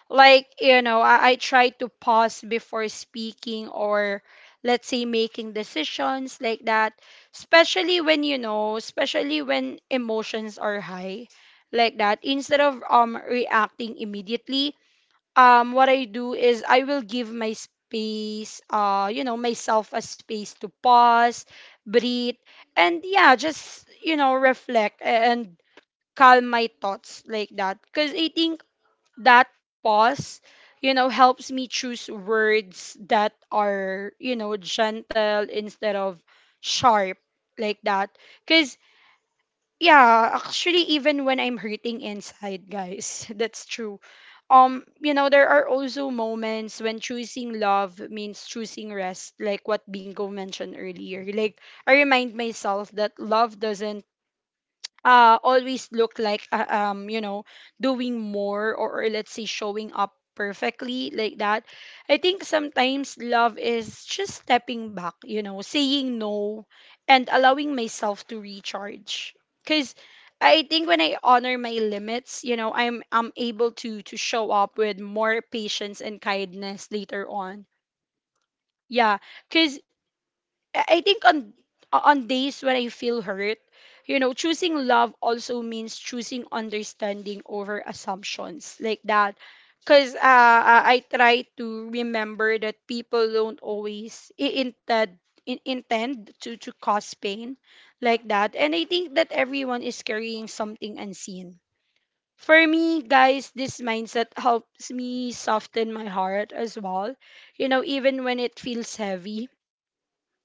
[SPEAKER 1] Like, I try to pause before speaking or let's say making decisions, like that, especially when emotions are high, like that, instead of reacting immediately. What I do is I will give my space you know myself a space to pause, breathe, and yeah, just reflect and calm my thoughts, like that. Because I think that pause, helps me choose words that are, gentle instead of sharp, like that. Because, yeah, actually, even when I'm hurting inside, guys, that's true. There are also moments when choosing love means choosing rest, like what Bingo mentioned earlier. Like, I remind myself that love doesn't always look like doing more, or let's say showing up perfectly, like that. I think sometimes love is just stepping back, saying no and allowing myself to recharge, cuz I think when I honor my limits, I'm able to show up with more patience and kindness later on. Yeah. Cuz I think on days when I feel hurt, you know, choosing love also means choosing understanding over assumptions, like that. Cause I try to remember that people don't always intend to cause pain, like that, and I think that everyone is carrying something unseen. For me, guys, this mindset helps me soften my heart as well. You know, even when it feels heavy,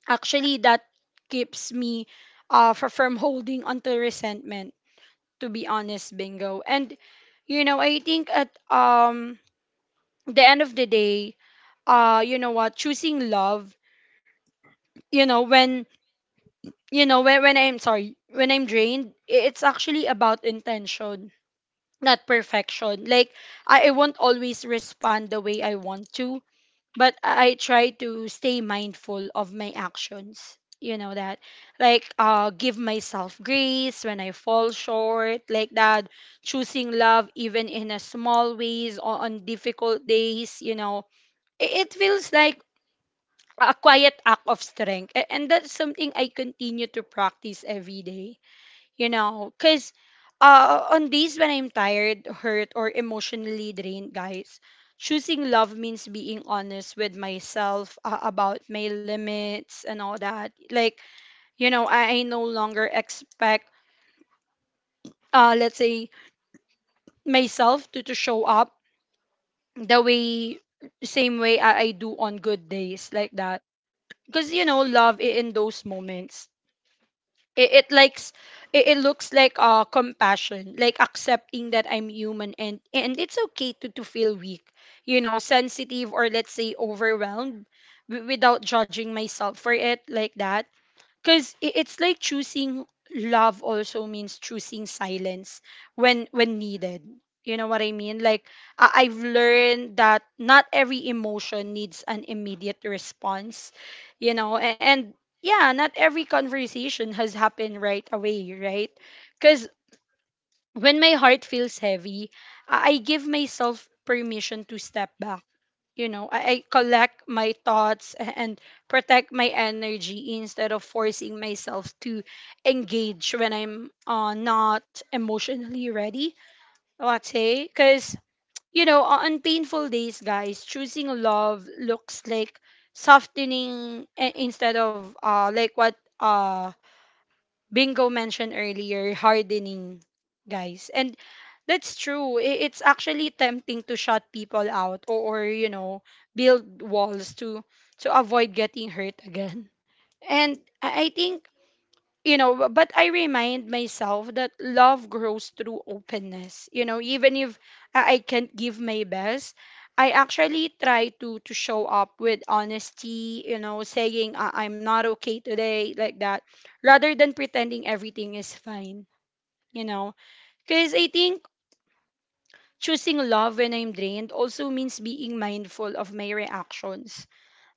[SPEAKER 1] actually that keeps me from holding onto resentment, to be honest, Bingo. And you know, I think at the end of the day, what choosing love, you know, when, when I'm sorry, when I'm drained, it's actually about intention, not perfection. Like, I won't always respond the way I want to, but I try to stay mindful of my actions. You know that, like, give myself grace when I fall short, like that. Choosing love even in a small ways or on difficult days. You know, I- it feels like a quiet act of strength, and that's something I continue to practice every day. You know, because on days when I'm tired, hurt, or emotionally drained, guys, choosing love means being honest with myself about my limits and all that. Like, I no longer expect, let's say, myself to show up the way same way I do on good days, like that. Because you know, love in those moments, it, it likes it looks like compassion, like accepting that I'm human, and it's okay to feel weak, you know, sensitive, or let's say overwhelmed, without judging myself for it, like that. Because it's like choosing love also means choosing silence when needed, you know what I mean. Like, I've learned that not every emotion needs an immediate response, you know, and yeah, not every conversation has happened right away, right? Because when my heart feels heavy, I give myself permission to step back. I collect my thoughts and protect my energy instead of forcing myself to engage when I'm not emotionally ready, let's say. Because on painful days, guys, choosing love looks like softening, instead of, like what Bingo mentioned earlier, hardening, guys. And that's true. It's actually tempting to shut people out, or build walls to avoid getting hurt again. And I think, you know, but I remind myself that love grows through openness. You know, even if I can't give my best, I actually try to show up with honesty, saying, "I'm not okay today," like that, rather than pretending everything is fine. You know, because I think choosing love when I'm drained also means being mindful of my reactions.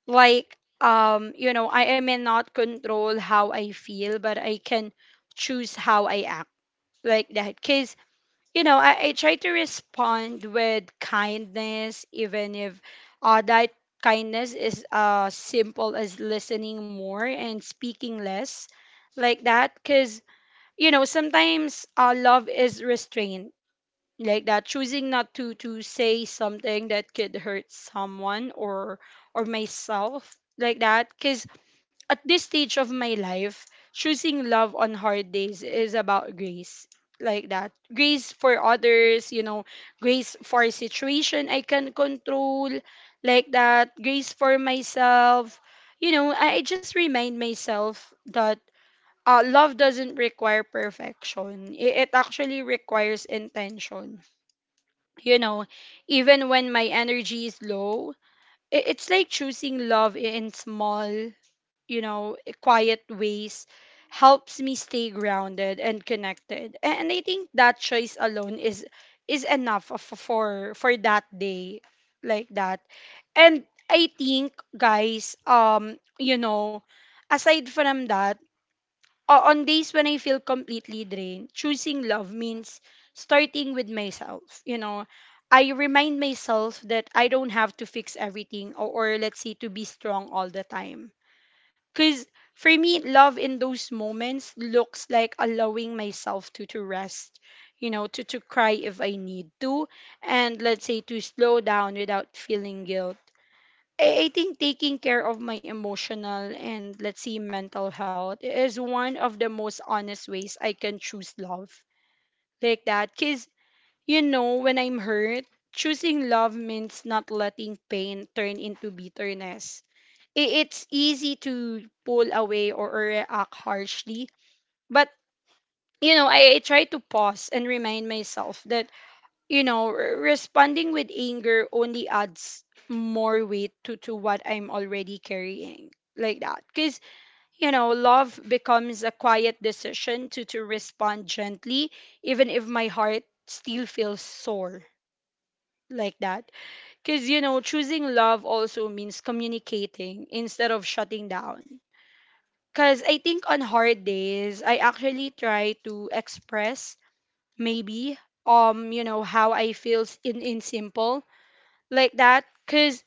[SPEAKER 1] Like, I may not control how I feel, but I can choose how I, like that. Because you know, I try to respond with kindness, even if that kindness is simple as listening more and speaking less, like that. Because you know, sometimes, love is restraint, like that, choosing not to say something that could hurt someone or myself, like that. Because at this stage of my life, choosing love on hard days is about grace. Like that. Grace for others, you know, grace for a situation I can control. Like that. Grace for myself. You know, I just remind myself that love doesn't require perfection. It actually requires intention. You know, even when my energy is low, it's like choosing love in small, quiet ways helps me stay grounded and connected. And I think that choice alone is enough for that day, like that. And I think, guys, aside from that, on days when I feel completely drained, choosing love means starting with myself. You know, I remind myself that I don't have to fix everything, or let's say, to be strong all the time. Cause for me, love in those moments looks like allowing myself to rest, you know, to cry if I need to, and let's say, to slow down without feeling guilt. I think taking care of my emotional, and let's see, mental health is one of the most honest ways I can choose love, like that. Because you know, when I'm hurt, choosing love means not letting pain turn into bitterness. It's easy to pull away, or react harshly, but you know, I try to pause and remind myself that, you know, responding with anger only adds more weight to what I'm already carrying, like that. Because, you know, love becomes a quiet decision to respond gently, even if my heart still feels sore, like that. Because, you know, choosing love also means communicating instead of shutting down. Because I think on hard days, I actually try to express, maybe, how I feel in simple, like that. Because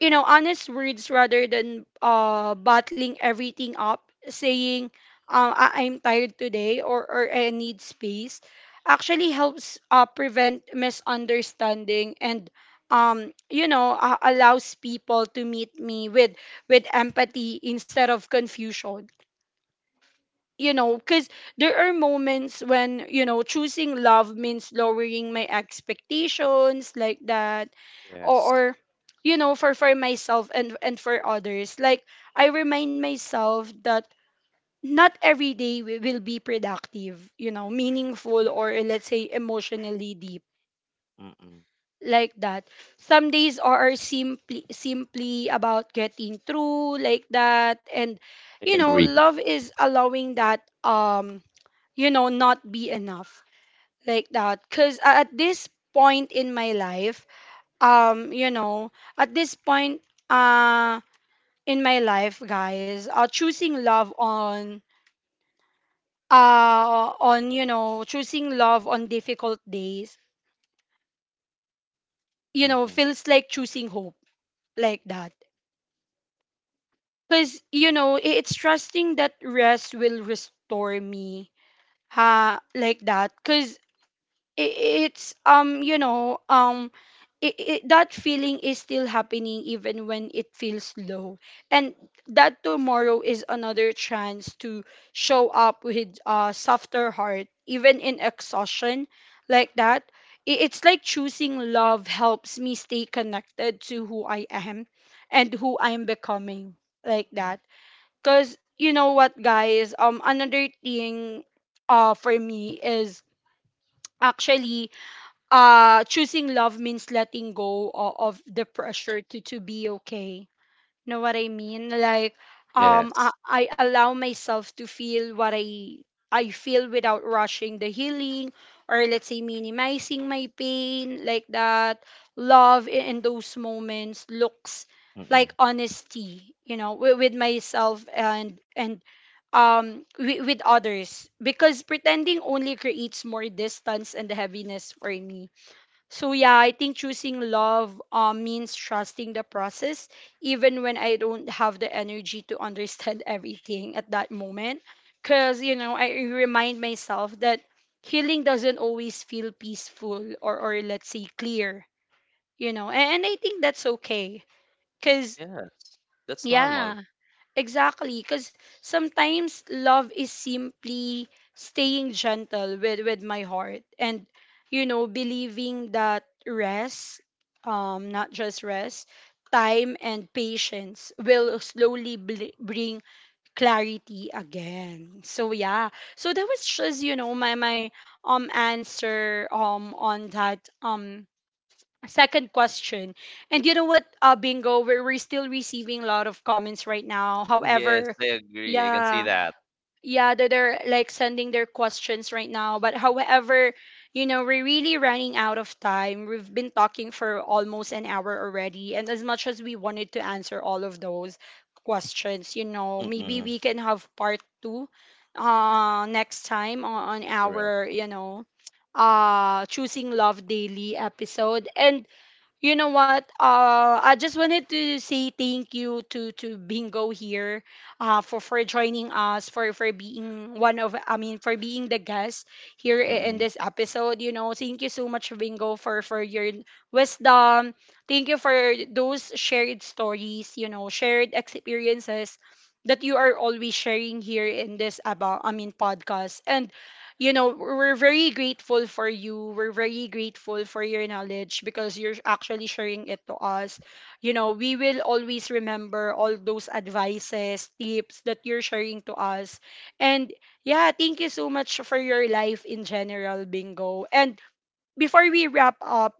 [SPEAKER 1] you know, honest words rather than bottling everything up, saying, I'm tired today, or I need space, actually helps prevent misunderstanding and, allows people to meet me with empathy instead of confusion. You know, because there are moments when, you know, choosing love means lowering my expectations, like that. Or,
[SPEAKER 2] Yes.
[SPEAKER 1] or for, myself and for others. Like, I remind myself that not every day will be productive, you know, meaningful, or let's say emotionally deep,
[SPEAKER 2] Mm-mm.
[SPEAKER 1] like that. Some days are simply about getting through, like that, and
[SPEAKER 2] I
[SPEAKER 1] you know,
[SPEAKER 2] agree.
[SPEAKER 1] love is allowing that, you know, not be enough, like that. Because at this point in my life, um, you know, at this point, uh, in my life, guys, choosing love on, choosing love on difficult days, you know,
[SPEAKER 2] Mm-mm.
[SPEAKER 1] feels like choosing hope, like that. Because, you know, it's trusting that rest will restore me, ha, like that. Because I- it's you know I that feeling is still happening even when it feels low, and that tomorrow is another chance to show up with a softer heart even in exhaustion, like that. It's like choosing love helps me stay connected to who I am and who I'm becoming, like
[SPEAKER 2] Mm.
[SPEAKER 1] that. Because you know what, guys? Another thing for me is actually, choosing love means letting go of the pressure to be okay. Know what I mean? Like, I,
[SPEAKER 2] Yes.
[SPEAKER 1] I allow myself to feel what I feel without rushing the healing, or let's say minimizing my pain, like that. Love, in those moments, looks
[SPEAKER 2] Mm-mm.
[SPEAKER 1] like honesty, you know, with myself, and with others, because pretending only creates more distance and heaviness for me. So yeah, I think choosing love means trusting the process, even when I don't have the energy to understand everything at that moment. Cause you know, I remind myself that healing doesn't always feel peaceful or let's say clear. You know, and I think that's okay. Cause
[SPEAKER 2] Yes. That's normal.
[SPEAKER 1] yeah. Exactly, because sometimes love is simply staying gentle with my heart and, you know, believing that rest, not just rest, time and patience will slowly bring clarity again. So yeah, so that was just, you know, my answer on that. Second question. And you know what, Bingo, we're still receiving a lot of comments right now.
[SPEAKER 2] Yes,
[SPEAKER 1] However,
[SPEAKER 2] I agree. I can see
[SPEAKER 1] yeah,
[SPEAKER 2] that.
[SPEAKER 1] yeah, they're like sending their questions right now. But however, you know, we're really running out of time. We've been talking for almost an hour already. And as much as we wanted to answer all of those questions, you know, maybe
[SPEAKER 2] Mm-mm.
[SPEAKER 1] we can have part two, next time on
[SPEAKER 2] Correct.
[SPEAKER 1] our, you know, choosing love daily episode. And you know what? I just wanted to say thank you to Bingo here, for joining us, for being the guest here, in
[SPEAKER 2] Mm-mm.
[SPEAKER 1] this episode. You know, thank you so much, Bingo, for your wisdom. Thank you for those shared stories. You know, shared experiences that you are always sharing here in this, podcast. And you know, we're very grateful for you. We're very grateful for your knowledge, because you're actually sharing it to us. You know, we will always remember all those advices, tips that you're sharing to us. And yeah, thank you so much for your life in general, Bingo. And before we wrap up,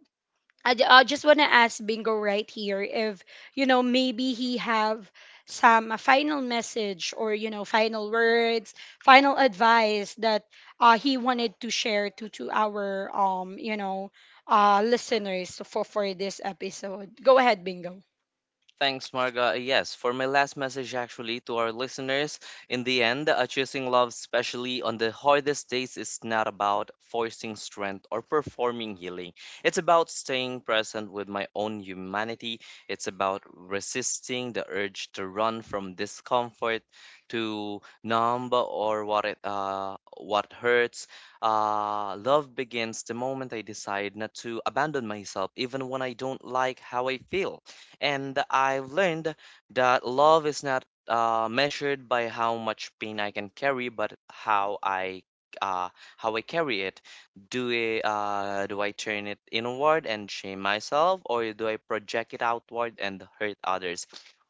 [SPEAKER 1] I just want to ask Bingo right here if, you know, maybe he have some a final message, or, you know, final words, final advice that he wanted to share to, our, you know, listeners for, this episode. Go ahead, Bingo.
[SPEAKER 2] Thanks, Marga. Yes, for my last message actually to our listeners, in the end, choosing love, especially on the hardest days, is not about forcing strength or performing healing. It's about staying present with my own humanity. It's about resisting the urge to run from discomfort, to numb or what hurts. Love begins the moment I decide not to abandon myself, even when I don't like how I feel. And I've learned that love is not measured by how much pain I can carry, but uh, how I carry it. Do I turn it inward and shame myself, or do I project it outward and hurt others?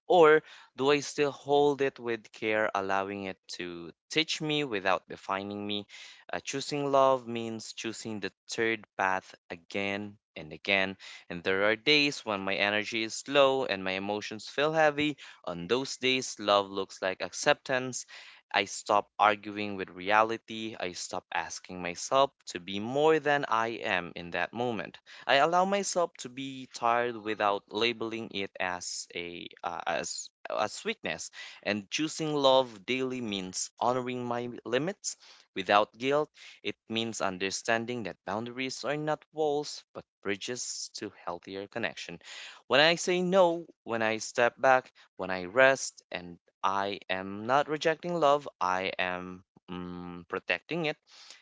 [SPEAKER 2] Or do I still hold it with care, allowing it to teach me without defining me? Choosing love means choosing the third path again and again. And there are days when my energy is low and my emotions feel heavy. On those days, love looks like acceptance. I stop arguing with reality. I stop asking myself to be more than I am in that moment. I allow myself to be tired without labeling it as a as as weakness. And choosing love daily means honoring my limits without guilt. It means understanding that boundaries are not walls, but bridges to healthier connection. When I say no, when I step back, when I rest, and I am not rejecting love, I am protecting it.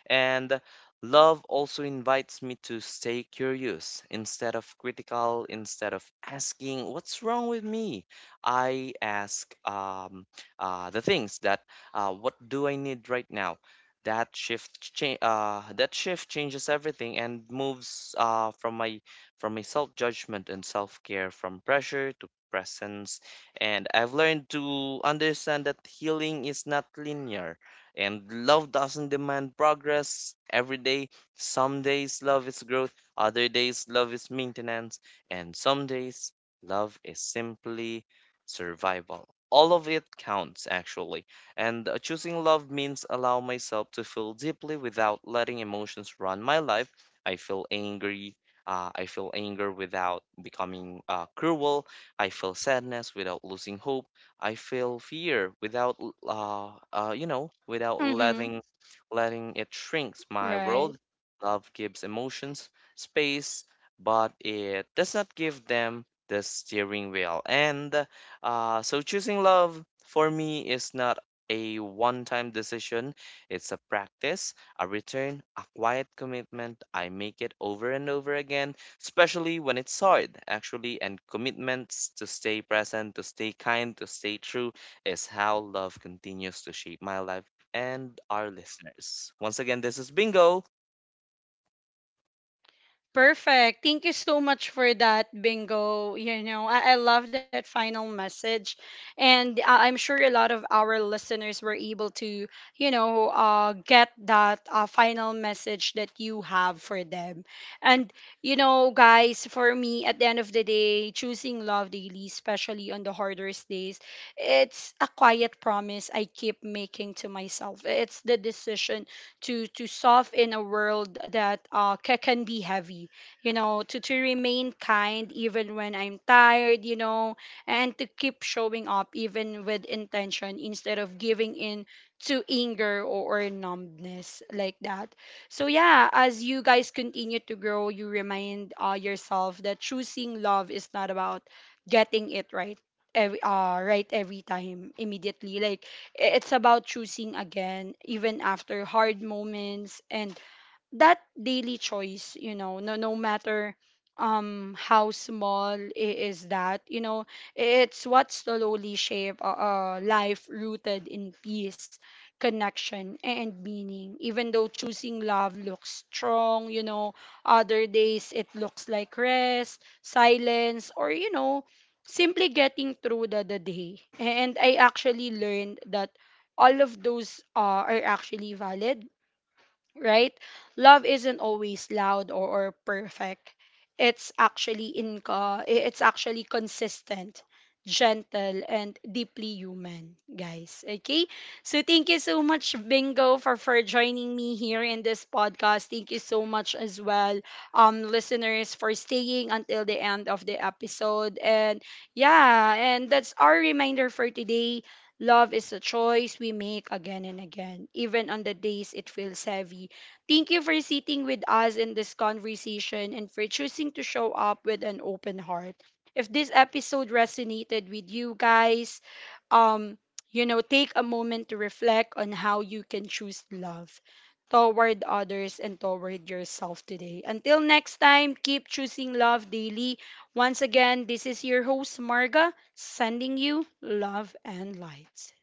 [SPEAKER 2] And love also invites me to stay curious instead of critical, instead of asking, what's wrong with me? I ask uh, the things that, what do I need right now? That shift change that shift changes everything and moves from my self-judgment and self-care, from pressure to presence. And I've learned to understand that healing is not linear, and love doesn't demand progress every day. Some days love is growth, other days love is maintenance, and some days love is simply survival. All of it counts actually. And choosing love means allow myself to feel deeply without letting emotions run my life. I feel angry. I feel anger without becoming cruel. I feel sadness without losing hope. I feel fear without, without
[SPEAKER 1] Mm-hmm.
[SPEAKER 2] letting it shrinks my
[SPEAKER 1] Right.
[SPEAKER 2] world. Love gives emotions space, but it does not give them the steering wheel. And so choosing love for me is not a one time decision. It's a practice, a return, a quiet commitment. I make it over and over again, especially when it's hard, actually. And commitments to stay present, to stay kind, to stay true is how love continues to shape my life. And our listeners, once again, this is Bingo.
[SPEAKER 1] Perfect. Thank you so much for that, Bingo. You know, I love that final message. And I'm sure a lot of our listeners were able to, you know, get that final message that you have for them. And, you know, guys, for me, at the end of the day, choosing love daily, especially on the hardest days, it's a quiet promise I keep making to myself. It's the decision to, solve in a world that can be heavy, you know, to, remain kind even when I'm tired, you know, and to keep showing up even with intention instead of giving in to anger, or, numbness, like that. So, yeah, as you guys continue to grow, you remind yourself that choosing love is not about getting it right. Every, every time immediately. Like, it's about choosing again even after hard moments, and that daily choice, you know, no matter how small is that, you know, it's what slowly shape a, life rooted in peace, connection and meaning. Even though choosing love looks strong, you know, other days it looks like rest, silence, or, you know, simply getting through the, day. And I actually learned that all of those are actually valid, right? Love isn't always loud, or, perfect. It's actually inca it's actually consistent, gentle, and deeply human, guys. Okay? So thank you so much, Bingo, for, joining me here in this podcast. Thank you so much as well, listeners, for staying until the end of the episode. And yeah, and that's our reminder for today. Love is a choice we make again and again, even on the days it feels heavy. Thank you for sitting with us in this conversation and for choosing to show up with an open heart. If this episode resonated with you guys, um, you know, take a moment to reflect on how you can choose love toward others and toward yourself today. Until next time, keep choosing love daily. Once again, this is your host, Marga, sending you love and light.